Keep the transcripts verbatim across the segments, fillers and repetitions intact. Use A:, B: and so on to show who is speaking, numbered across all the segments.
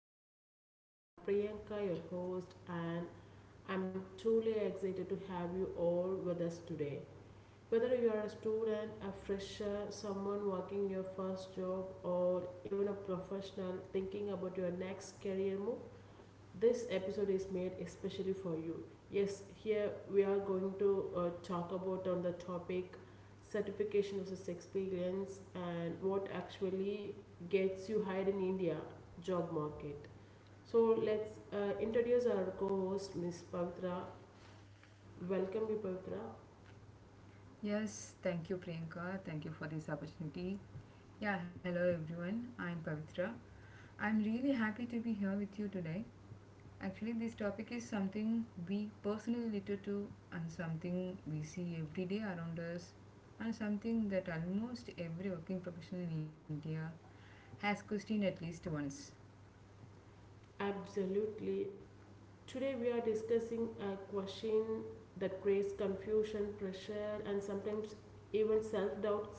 A: episode. I'm Priyanka, your host, and I'm truly excited to have you all with us today. Whether you are a student, a fresher, someone working your first job, or even a professional thinking about your next career move, this episode is made especially for you. Yes, here we are going to uh, talk about on the topic certification versus experience and what actually gets you hired in India job market. So let's uh, introduce our co-host Miss Pavitra. Welcome you Pavitra.
B: Yes, thank you, Priyanka. Thank you for this opportunity. Yeah, hello everyone. I'm Pavitra. I'm really happy to be here with you today. Actually, this topic is something we personally relate to and something we see every day around us and something that almost every working professional in India has questioned at least once.
A: Absolutely. Today we are discussing a question that creates confusion, pressure and sometimes even self-doubt.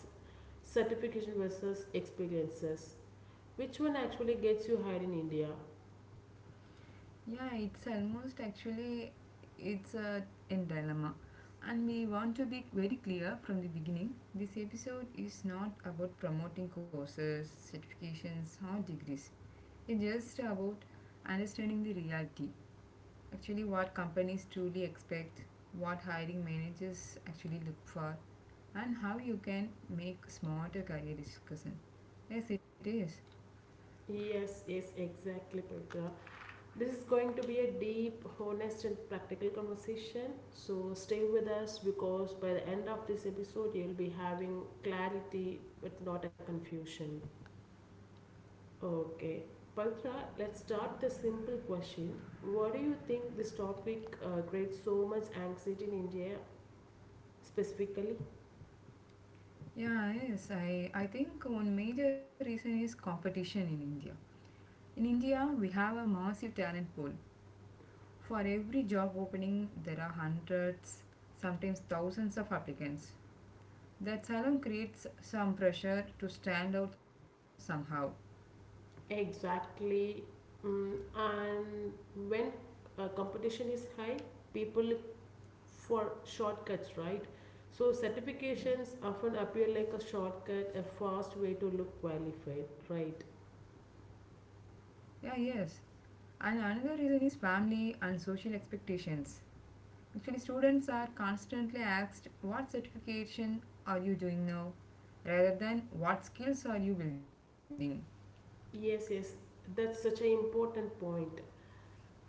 A: Certification versus experiences. Which one actually gets you hired in India?
B: Yeah, it's almost actually it's a, a dilemma. And we want to be very clear from the beginning. This episode is not about promoting courses, certifications or degrees. It's just about understanding the reality. Actually, what companies truly expect, what hiring managers actually look for, and how you can make smarter career discussion. Yes, it is.
A: Yes, yes, exactly, Pavitra. This is going to be a deep, honest, and practical conversation. So stay with us because by the end of this episode, you'll be having clarity but not a confusion. Okay, Pavitra, let's start with a simple question. What do you think this topic uh, creates so much anxiety in India specifically?
B: Yeah, yes. I, I think one major reason is competition in India. In India, we have a massive talent pool. For every job opening, there are hundreds, sometimes thousands of applicants. That alone creates some pressure to stand out somehow.
A: Exactly. Mm, and when uh, competition is high, people look for shortcuts, right? So
B: Yeah.
A: certifications often appear like a shortcut, a fast way to look qualified, right?
B: Yeah, yes. And another reason is family and social expectations. Actually, students are constantly asked what certification are you doing now rather than what skills are you building.
A: Yes, yes, that's such an important point.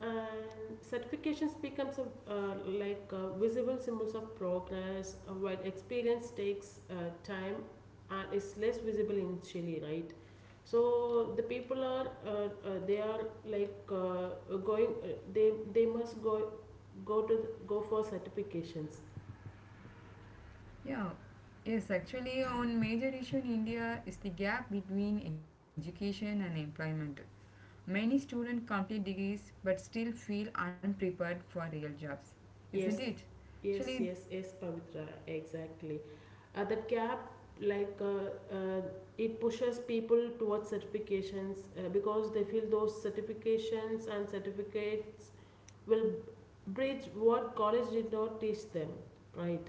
A: And certifications becomes a, uh, like uh, visible symbols of progress uh, while experience takes uh, time and is less visible initially, right? So the people are uh, uh, they are like uh, going, uh, they they must go go to go for certifications.
B: Yeah, yes, actually, one major issue in India is the gap between education and employment. Many students complete degrees but still feel unprepared for real jobs, isn't it?
A: Yes.
B: Actually,
A: Yes, yes, yes, Pavitra, exactly. Uh, that gap, like, uh, uh, it pushes people towards certifications uh, because they feel those certifications and certificates will bridge what college did not teach them, right?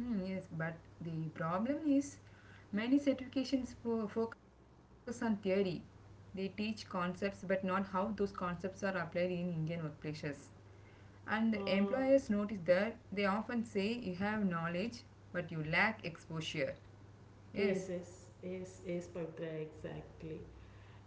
B: mm, yes, but the problem is many certifications fo- focus on theory. They teach concepts but not how those concepts are applied in Indian workplaces. And
A: Uh,
B: employers notice that they often say you have knowledge but you lack exposure.
A: yes,
B: Yes.
A: yes, yes, yes, Pavitra, exactly.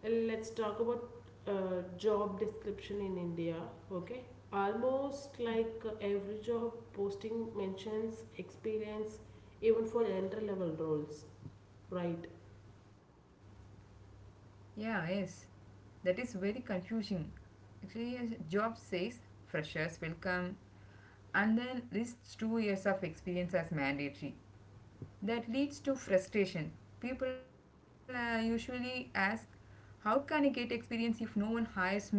A: Let's talk about uh, job description in India. Okay, almost like uh, every job posting mentions experience, even for entry level roles, right?
B: Yeah, yes. That is very confusing. Actually, a job says freshers will come and then lists two years of experience as mandatory. That leads to frustration. People uh, usually ask, how can I get experience if no one hires me?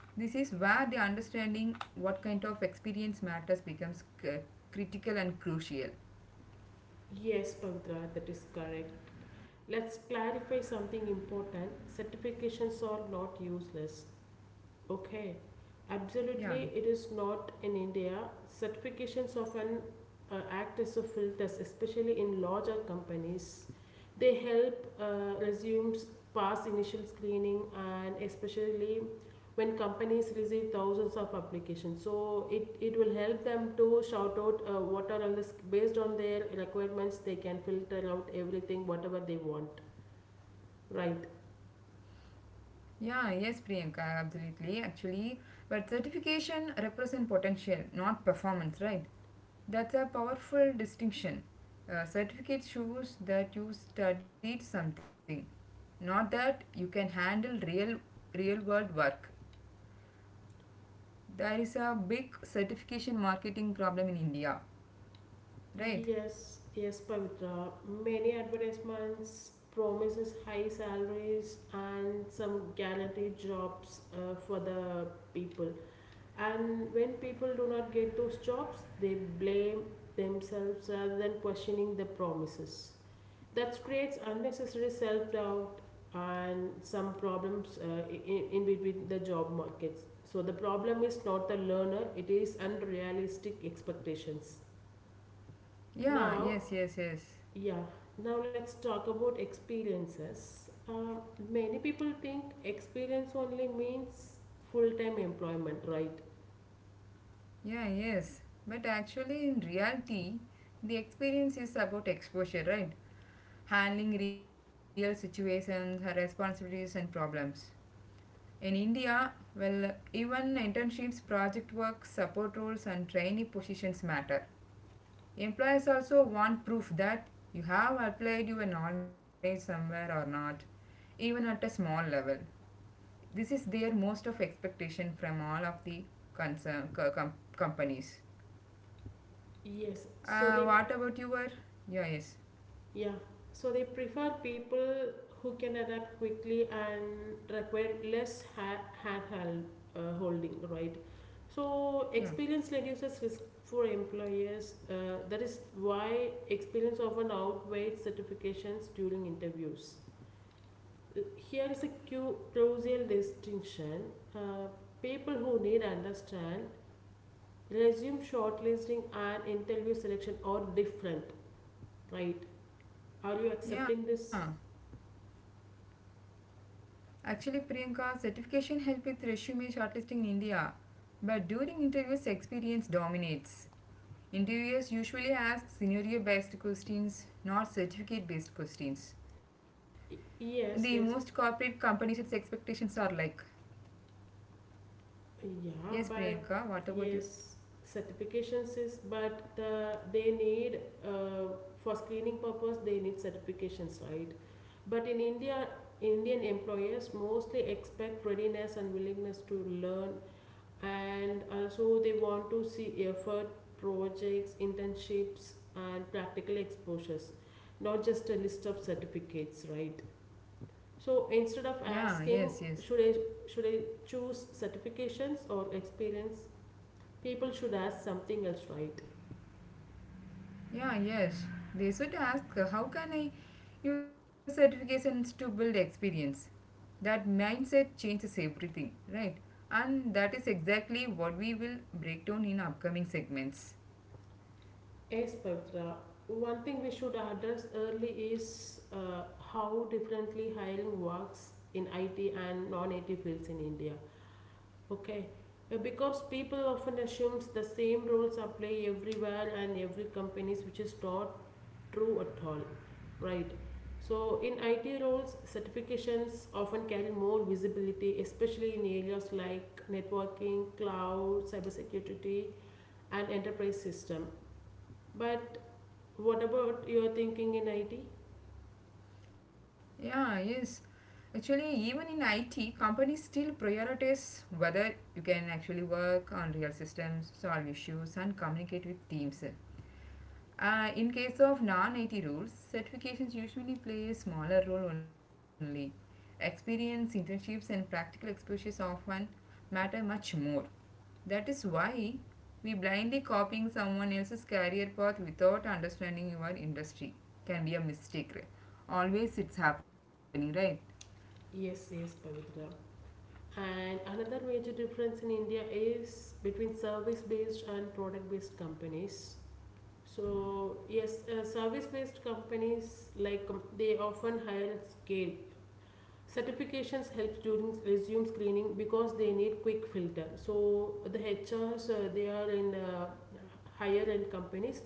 B: This is where the understanding what kind of experience matters becomes c- critical and crucial.
A: Yes, Pavitra, that is correct. Let's clarify something important. Certifications are not useless. Okay,
B: Yeah.
A: absolutely. It is not in India. Certifications of an uh, act as a filters, especially in larger companies. They help uh, resumes pass initial screening, and especially when companies receive thousands of applications. So it, it will help them to shout out uh, what are all the based on their requirements. They can filter out everything whatever they want. Right.
B: Yeah, yes, Priyanka, absolutely. Actually, but certification represent potential, not performance, right? That's a powerful distinction. Uh, certificate shows that you studied something, not that you can handle real, real world work. There is a big certification marketing problem in India, right?
A: Yes, yes, Pavitra. Many advertisements promises high salaries and some guaranteed jobs uh, for the people. And when people do not get those jobs, they blame themselves rather than questioning the promises. That creates unnecessary self doubt and some problems uh, in, in between the job markets. So the problem is not the learner; it is unrealistic expectations.
B: Yeah,
A: Now,
B: yes, yes, yes.
A: yeah, now let's talk about experiences. Uh, many people think experience only means full time employment, right?
B: Yeah, yes. But actually, in reality, the experience is about exposure, right? Handling real situations, her responsibilities, and problems. In India, well, even internships, project work, support roles, and trainee positions matter. Employers also want proof that you have applied your knowledge somewhere or not, even at a small level. This is their most of expectation from all of the concern, co- com- companies.
A: Yes, so
B: Uh,
A: they,
B: what about your? Yeah, yes.
A: yeah, so they prefer people who can adapt quickly and require less ha- hand held, uh, holding, right? So,
B: Yeah.
A: experience reduces risk for employers. Uh, that is why experience often outweighs certifications during interviews. Here is a crucial distinction. Uh, People who need understand resume shortlisting and interview selection are different, right? Are you accepting
B: Yeah.
A: this?
B: Actually, Priyanka, certification help with resume shortlisting in India, but during interviews, experience dominates. Interviewers usually ask scenario-based questions, not certificate-based questions.
A: Y-
B: The most
A: Yes, yes,
B: corporate companies' its expectations are like, yes,
A: yeah,
B: Priyanka,
A: but
B: what about you?
A: yes, certifications is, but the they need uh, for screening purpose they need certifications, right? But in India, Indian employers mostly expect readiness and willingness to learn, and also they want to see effort, projects, internships and practical exposures, not just a list of certificates, right? So instead
B: Yeah,
A: of
B: yes, yes.
A: asking should i should i choose certifications or experience, people should ask something else, right?
B: Yeah, yes. They should ask, how can I use certifications to build experience? That mindset changes everything, right? And that is exactly what we will break down in upcoming segments.
A: Yes, Pavitra. One thing we should address early is uh, how differently hiring works in IT and non-IT fields in India. Okay, Uh, because people often assumes the same rules apply everywhere and every companies, which is not true at all, right? So in I T roles, certifications often carry more visibility, especially in areas like networking, cloud, cybersecurity, and enterprise system. But what about your thinking in I T?
B: Yeah, yes. Actually, even in it companies still prioritize whether you can actually work on real systems, solve issues, and communicate with teams. Uh, in case of non-it roles, certifications usually play a smaller role. Only experience, internships, and practical exposures often matter much more. That is why we blindly copying someone else's career path without understanding your industry can be a mistake, right? Always it's happening, right?
A: Yes, yes, Pavitra. And another major difference in India is between service based and product based companies. So yes, uh, service-based companies like com- they often hire at scale. Certifications helps during resume screening because they need quick filter. So the H Rs uh, they are in uh, higher end companies,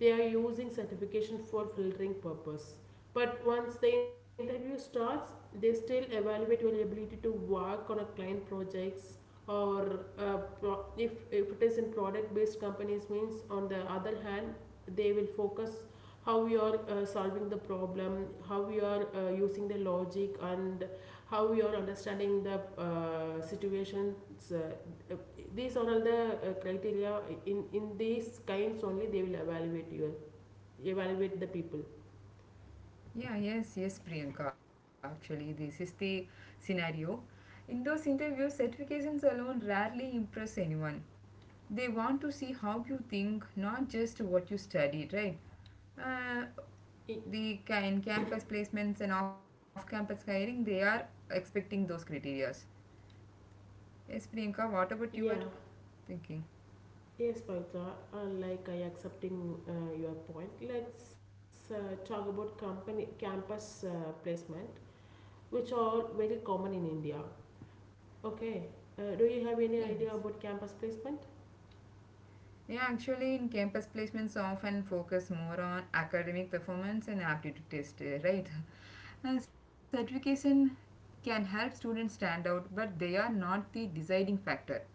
A: they are using certification for filtering purpose. But once the interview starts, they still evaluate your ability to work on a client projects, or uh, pro- if, if it is in product based companies means on the other hand, they will focus how we are uh, solving the problem, how we are uh, using the logic, and how we are understanding the uh, situations. Uh, these are all the uh, criteria. In in these kinds only they will evaluate you, evaluate the people.
B: Yeah, yes, yes, Priyanka. Actually, this is the scenario. In those interviews, certifications alone rarely impress anyone. They want to see how you think, not just what you studied, right? Uh,
A: I,
B: the ca- in campus placements and off campus hiring, they are expecting those criterias. Yes, Priyanka, what about you?
A: yeah.
B: Thinking.
A: Yes, Pavitra. Uh, like I accepting uh, your point. Let's uh, talk about company campus uh, placement, which are very common in India. Okay. Uh, do you have any
B: Yes.
A: idea about campus placement?
B: Yeah, actually, in campus placements often focus more on academic performance and aptitude test, uh, right? And certification can help students stand out, but they are not the deciding factor.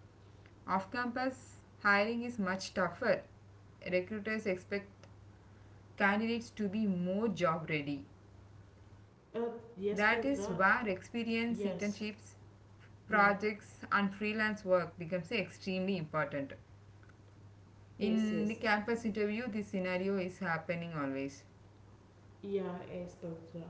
B: Off campus hiring is much tougher. Recruiters expect candidates to be more job ready.
A: Uh,
B: That is
A: yes,
B: where
A: Pavitra.
B: experience, internships,
A: Yes. Yeah.
B: projects, and freelance work becomes extremely important.
A: Yes.
B: In
A: Yes.
B: the campus interview, this scenario is happening always.
A: Yeah, yes, Pavitra.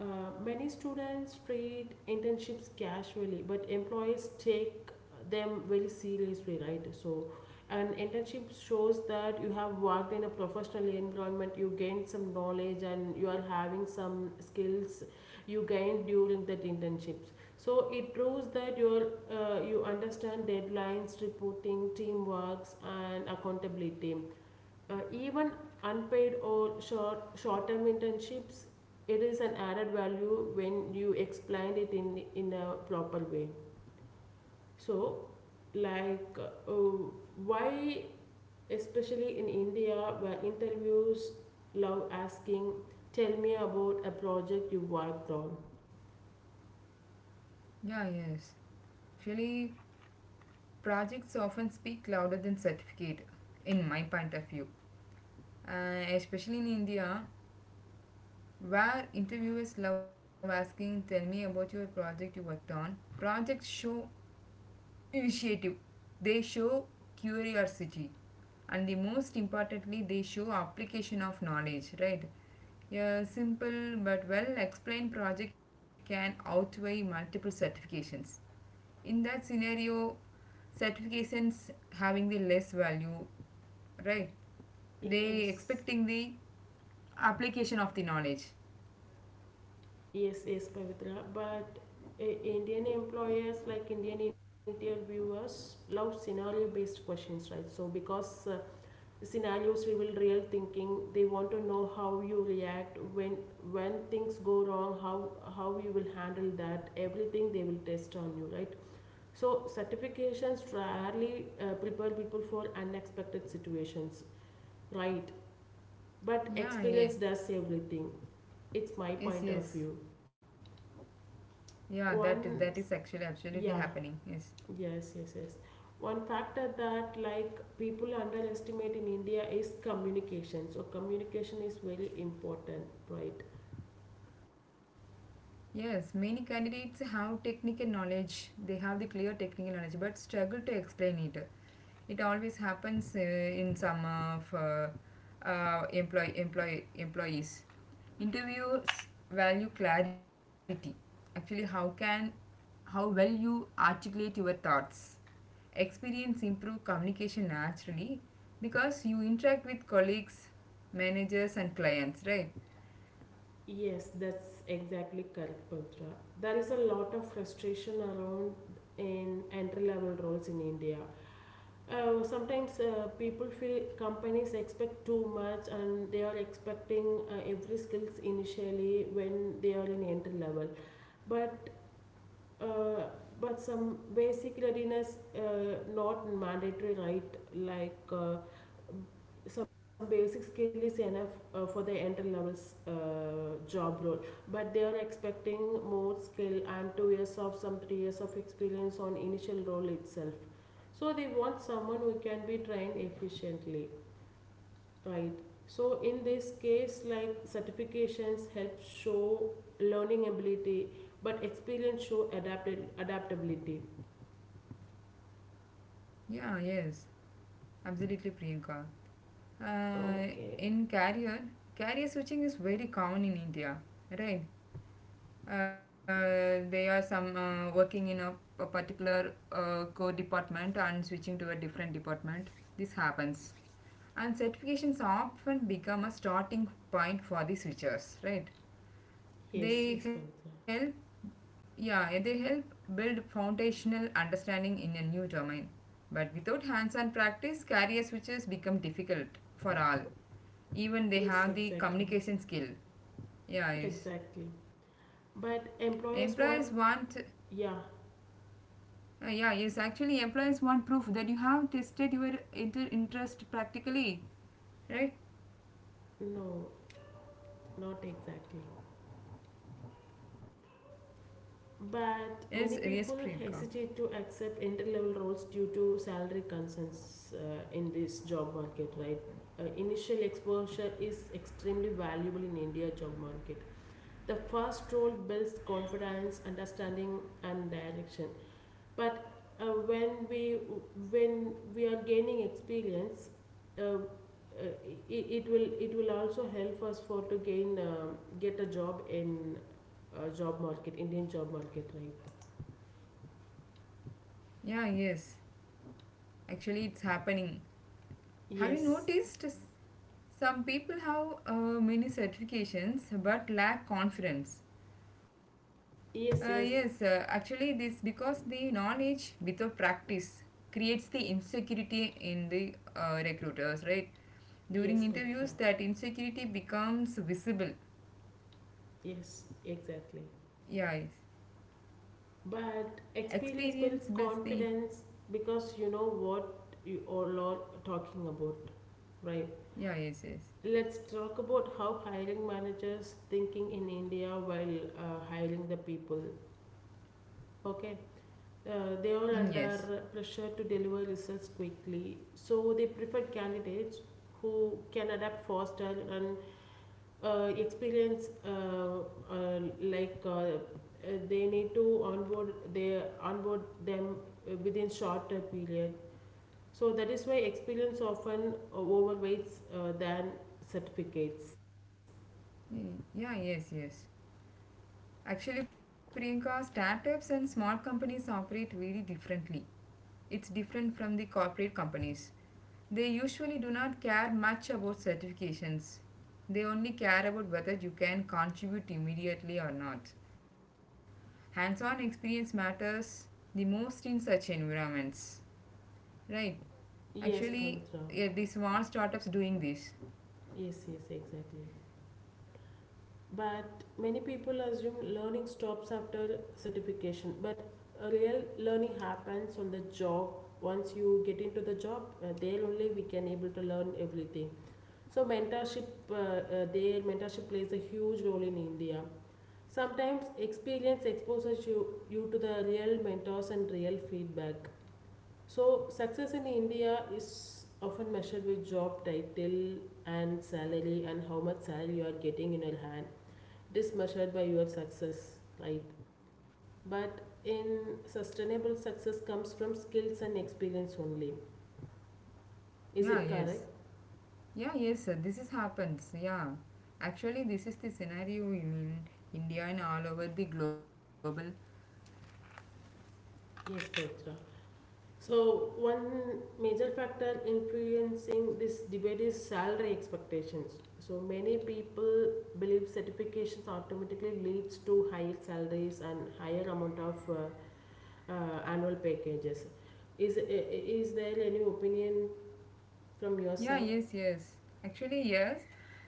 A: Uh, Many students treat internships casually, but employees take them very seriously, right? So, an internship shows that you have worked in a professional environment, you gained some knowledge, and you are having some skills you gained during that internships. So, it proves that you uh, you understand deadlines, reporting, teamworks, and accountability, uh, even unpaid or short short term internships, it is an added value when you explain it in in a proper way. So like uh, why, especially in India, where interviews love asking, tell me about a project you worked on.
B: Yeah, yes. Actually, projects often speak louder than certificate, in my point of view. Uh, especially in India, where interviewers love asking, tell me about your project you worked on. Projects show initiative. They show curiosity, and the most importantly they show application of knowledge, right? A simple but well explained project can outweigh multiple certifications. In that scenario, certifications having the less value, right? They
A: Yes,
B: expecting the application of the knowledge.
A: yes, yes, Pavitra. But uh, Indian employers, like Indian interviewers, love scenario based questions, right? So because uh, scenarios reveal real thinking, they want to know how you react when when things go wrong, how how you will handle that everything they will test on you, right? So certifications rarely uh, prepare people for unexpected situations, right? But
B: Yeah, yes.
A: experience does everything. It's my
B: Yes,
A: point of
B: yes.
A: view.
B: Yeah, that is that is
A: One
B: actually absolutely
A: yeah.
B: happening. Yes.
A: Yes, yes, yes. One factor that like people underestimate in India is communication. So communication is very important, right?
B: Yes, many candidates have technical knowledge, they have the clear technical knowledge, but struggle to explain it. It always happens uh, in some of uh, uh, employ, employ, employees. Interviewers value clarity. Actually, how can how well you articulate your thoughts. Experience improve communication naturally because you interact with colleagues, managers, and clients, right?
A: Yes, that's exactly correct, Pavitra. There is a lot of frustration around in entry level roles in India. Uh, sometimes uh, people feel companies expect too much and they are expecting uh, every skills initially when they are in entry level. But uh, but some basic readiness, uh, not mandatory, right? Like uh, some basic skill is enough uh, for the entry levels uh, job role. But they are expecting more skill and two years of some three years of experience on initial role itself. So they want someone who can be trained efficiently, right? So in this case, like certifications help show learning ability, but experience show adapted adaptability.
B: Yeah, yes, absolutely, Priyanka. Uh,
A: Okay.
B: in carrier, carrier switching is very common in India, right? Uh, they are some uh, working in a, a particular uh, core department and switching to a different department. This happens, and certifications often become a starting point for the switchers, right? They
A: Yes, yes,
B: help.
A: Pavitra.
B: Yeah, they help build foundational understanding in a new domain. But without hands-on practice, carrier switches become difficult for all even they
A: Yes,
B: have the
A: exactly.
B: communication skill. Yeah, yes.
A: Exactly. But
B: Employers
A: employers
B: want,
A: want, yeah,
B: uh, yeah, yes, actually, employers want proof that you have tested your inter- interest practically, right?
A: no, not exactly.
B: Yes,
A: But
B: uh, yes,
A: many people
B: Priyanka.
A: hesitate to accept entry level roles due to salary concerns uh, in this job market, right? Uh, initial exposure is extremely valuable in India job market. The first role builds confidence, understanding, and direction. But uh, when we when we are gaining experience, uh, uh, it, it will it will also help us for to gain um get a job in uh, job market, indian job market, right?
B: Yeah, yes. Actually, it's happening. Have you
A: Yes,
B: noticed s- some people have uh, many certifications but lack confidence? Uh, yes,
A: yes,
B: uh,
A: yes,
B: actually, this because the knowledge without practice creates the insecurity in the uh, recruiters, right? During
A: yes,
B: interviews,
A: Pavitra.
B: that insecurity becomes visible.
A: Yes, exactly.
B: Yeah, yes.
A: But experience
B: Experience
A: builds
B: builds the.
A: confidence because you know what you all are talking about, right?
B: Yeah, yes, yes.
A: Let's talk about how hiring managers thinking in India while uh, hiring the people. Okay, uh, they are
B: Mm, yes.
A: under pressure to deliver results quickly, so they prefer candidates who can adapt faster and uh, experience, uh, uh, like uh, uh, they need to onboard they onboard them uh, within shorter period. So that is why experience often uh, overweights uh, than certificates.
B: Mm, yeah, yes, yes. Actually, Priyanka, startups and small companies operate very differently. It's different from the corporate companies. They usually do not care much about certifications. They only care about whether you can contribute immediately or not. Hands-on experience matters the most in such environments, right?
A: Yes,
B: Actually,
A: Pavitra.
B: yeah, the small startups doing this.
A: Yes, yes, exactly. But many people assume learning stops after certification, but a real learning happens on the job. Once you get into the job, uh, there only we can able to learn everything. So mentorship, uh, uh, there mentorship plays a huge role in India. Sometimes experience exposes you, you to the real mentors and real feedback. So, success in India is often measured with job title and salary and how much salary you are getting in your hand. It is measured by your success, right? But in sustainable success comes from skills and experience only. Is
B: Yeah,
A: it
B: yes.
A: correct?
B: Yeah, yes, sir. This is happens. Yeah. Actually, this is the scenario in in India and all over the global.
A: Yes, Pavitra. So, one major factor influencing this debate is salary expectations. So, many people believe certifications automatically leads to higher salaries and higher amount of uh, uh, annual packages. Is is there any opinion from your
B: Yeah,
A: side?
B: yes, yes. Actually, yes.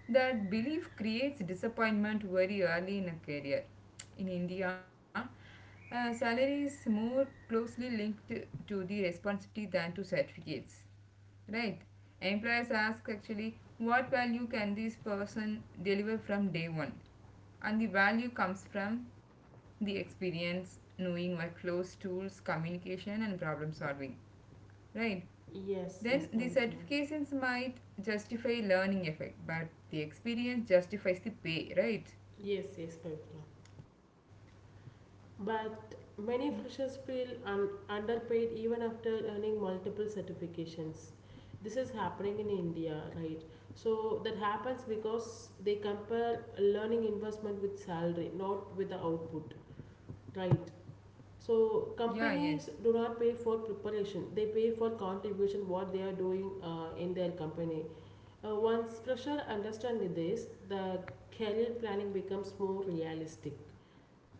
B: That belief creates disappointment very early in a career. In India, uh, salary is more closely linked to the responsibility than to certificates. Right? Employers ask actually what value can this person deliver from day one? And the value comes from the experience, knowing my clothes, tools, communication, and problem solving. Right?
A: Yes,
B: Then
A: yes,
B: the
A: Pavitra.
B: certifications might justify learning effect, but the experience justifies the pay, right?
A: Yes, yes, Pavitra. But many freshers feel un- underpaid even after earning multiple certifications. This is happening in India, right? So that happens because they compare learning investment with salary, not with the output, right? So
B: Yeah, yes.
A: companies do not pay for preparation; they pay for contribution what they are doing uh, in their company. Uh, once fresher understand this, the career planning becomes more realistic.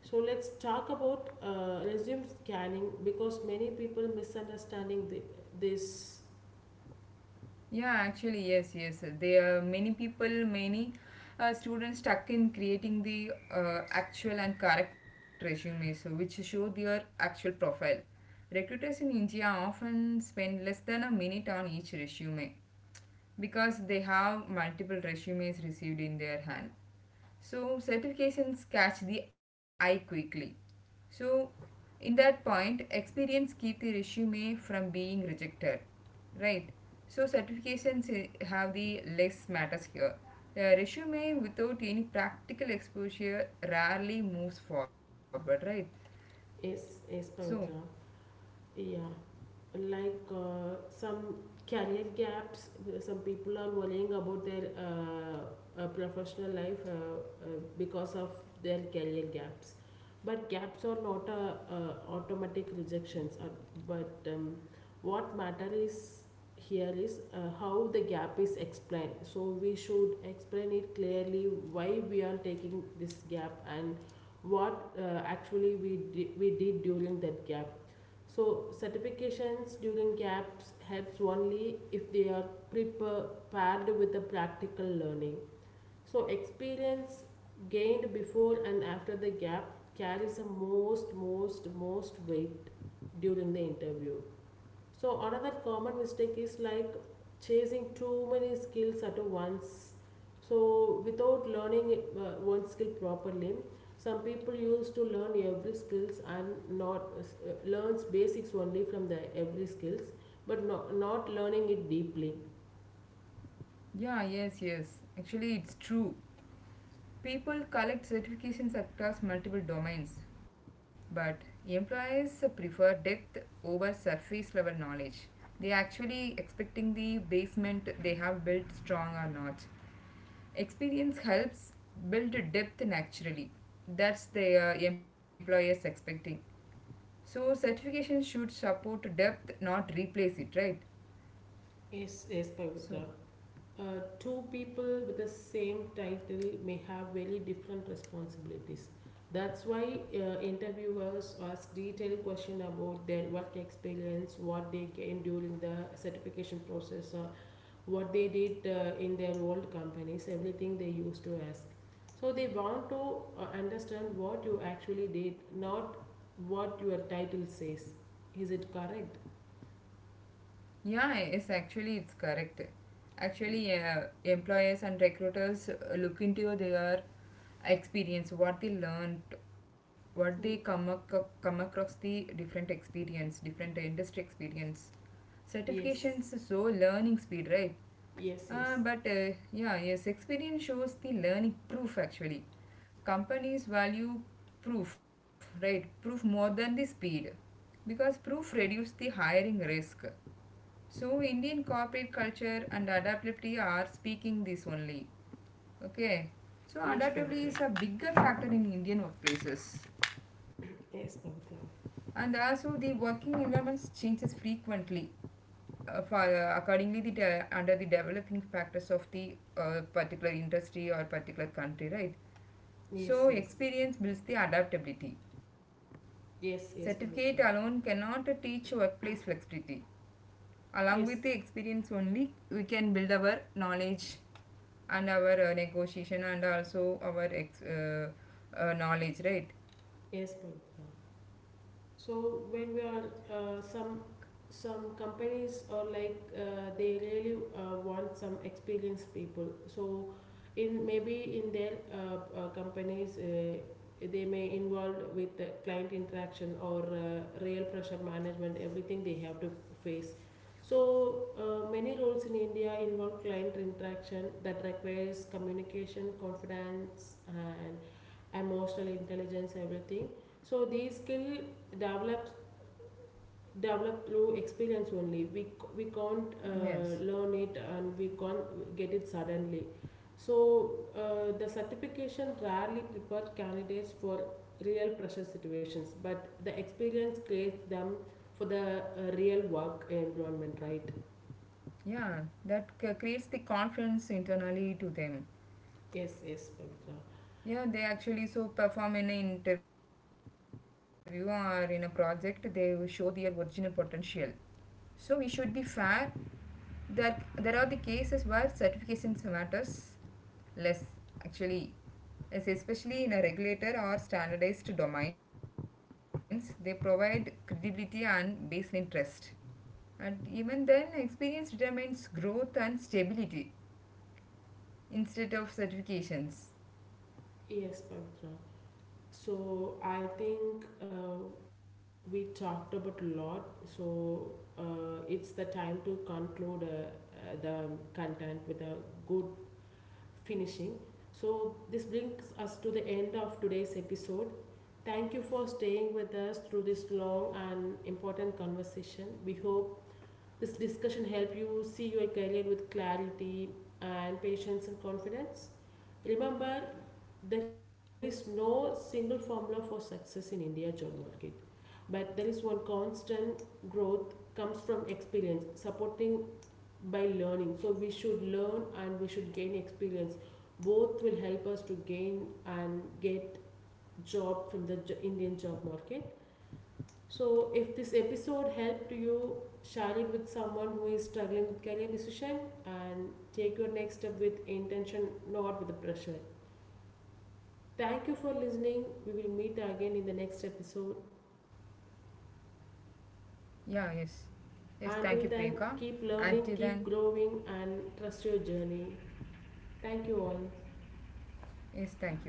A: So let's talk about uh, resume scanning because many people misunderstanding the, this.
B: Yeah, actually, yes, yes. There are many people, many uh, students stuck in creating the uh, actual and correct resumes, so which show their actual profile. Recruiters in India often spend less than a minute on each resume because they have multiple resumes received in their hand. So certifications catch the eye quickly. So in that point, experience keep the resume from being rejected, right? So certifications have the less matters here. A resume without any practical exposure rarely moves forward, right?
A: Yes, yes,
B: So.
A: Pavitra. Yeah. Like uh, some career gaps, some people are worrying about their uh, uh, professional life uh, uh, because of their career gaps, but gaps are not uh, uh, automatic rejections, uh, but um, what matter is here is uh, how the gap is explained, so we should explain it clearly why we are taking this gap and what uh, actually we di- we did during that gap. So certifications during gaps helps only if they are prepared with the practical learning. So experience gained before and after the gap carries the most most most weight during the interview. So another common mistake is like chasing too many skills at once. So without learning uh, one skill properly, some people used to learn every skills and not uh, learns basics only from the every skills, but not, not learning it deeply.
B: Yeah, yes, yes. Actually, it's true. People collect certifications across multiple domains, but employers prefer depth over surface level knowledge. They actually expecting the basement they have built strong or not. Experience helps build depth naturally. That's the uh, employers expecting. So certification should support depth, not replace it, right?
A: Yes, yes, Pavitra.
B: So
A: uh, Two people with the same title may have very different responsibilities. That's why uh, interviewers ask detailed questions about their work experience, what they gained during the certification process, uh, what they did uh, in their old companies, everything they used to ask. So they want to uh, understand what you actually did, not what your title says. Is it correct?
B: yeah, it's actually it's correct.
A: Y-
B: Actually, uh, employers and recruiters uh, look into their experience, what they learned, what they come
A: y-
B: ac- come across the different experience, different industry experience.
A: yes,
B: Certifications so learning speed, right?
A: yes,
B: Uh,
A: yes,
B: but uh, yeah, yes, experience shows the learning proof actually. Companies value proof, right? Proof more than the speed because proof reduces the hiring risk. So, Indian corporate culture and adaptability are speaking this only. Okay, so
A: yes,
B: adaptability
A: Pavitra.
B: is a bigger factor in Indian workplaces,
A: Yes,
B: and
A: Pavitra.
B: also the working environments changes frequently uh, fi- uh, accordingly the de- under the developing factors of the uh, particular industry or particular country, right?
A: Yes,
B: So
A: yes.
B: experience builds the adaptability.
A: Yes,
B: Certificate
A: yes,
B: alone
A: Pavitra.
B: cannot teach workplace flexibility. Along with the
A: Yes,
B: experience only, we can build our knowledge and our uh, negotiation and also our ex- uh, uh, knowledge, right?
A: yes, Pavitra. So when we are uh, some some companies, or like uh, they really uh, want some experienced people. So in maybe in their uh, uh, companies, uh, they may involve with the client interaction or uh, real pressure management. Everything they have to face. So uh, many roles in India involve client interaction that requires communication, confidence, and emotional intelligence, everything. So these skill developed developed through experience only, we we can't uh,
B: Yes.
A: learn it and we can't get it suddenly. So uh, the certification rarely prepares candidates for real pressure situations, but the experience creates them for the uh, real work environment, right?
B: Yeah, that c- creates the confidence internally to them.
A: Yes, yes, Pavitra.
B: Yeah, they actually so perform in an interview or in a project, they will show their original potential. So we should be fair that there are the cases where certifications matters less actually. As especially in a regulator or standardized domains, they provide credibility and baseline trust. And even then, experience determines growth and stability instead of certifications.
A: Yes, Pavitra. So I think uh, we talked about a lot. So uh, it's the time to conclude uh, uh, the content with a good finishing. So this brings us to the end of today's episode. Thank you for staying with us through this long and important conversation. We hope this discussion help you see your career with clarity and patience and confidence. Remember, there is no single formula for success in India job market, but there is one constant. Growth comes from experience, supporting by learning. So we should learn and we should gain experience. Both will help us to gain and get job from the Indian job market. So, if this episode helped you, share it with someone who is struggling with career decision and take your next step with intention, not with the pressure. Thank you for listening. We will meet again in the next episode.
B: Yeah, yes. Yes, thank you, Priyanka.
A: Until then,
B: Until
A: keep
B: then,
A: learning, keep growing, and trust your journey. Thank you all.
B: yes, thank you.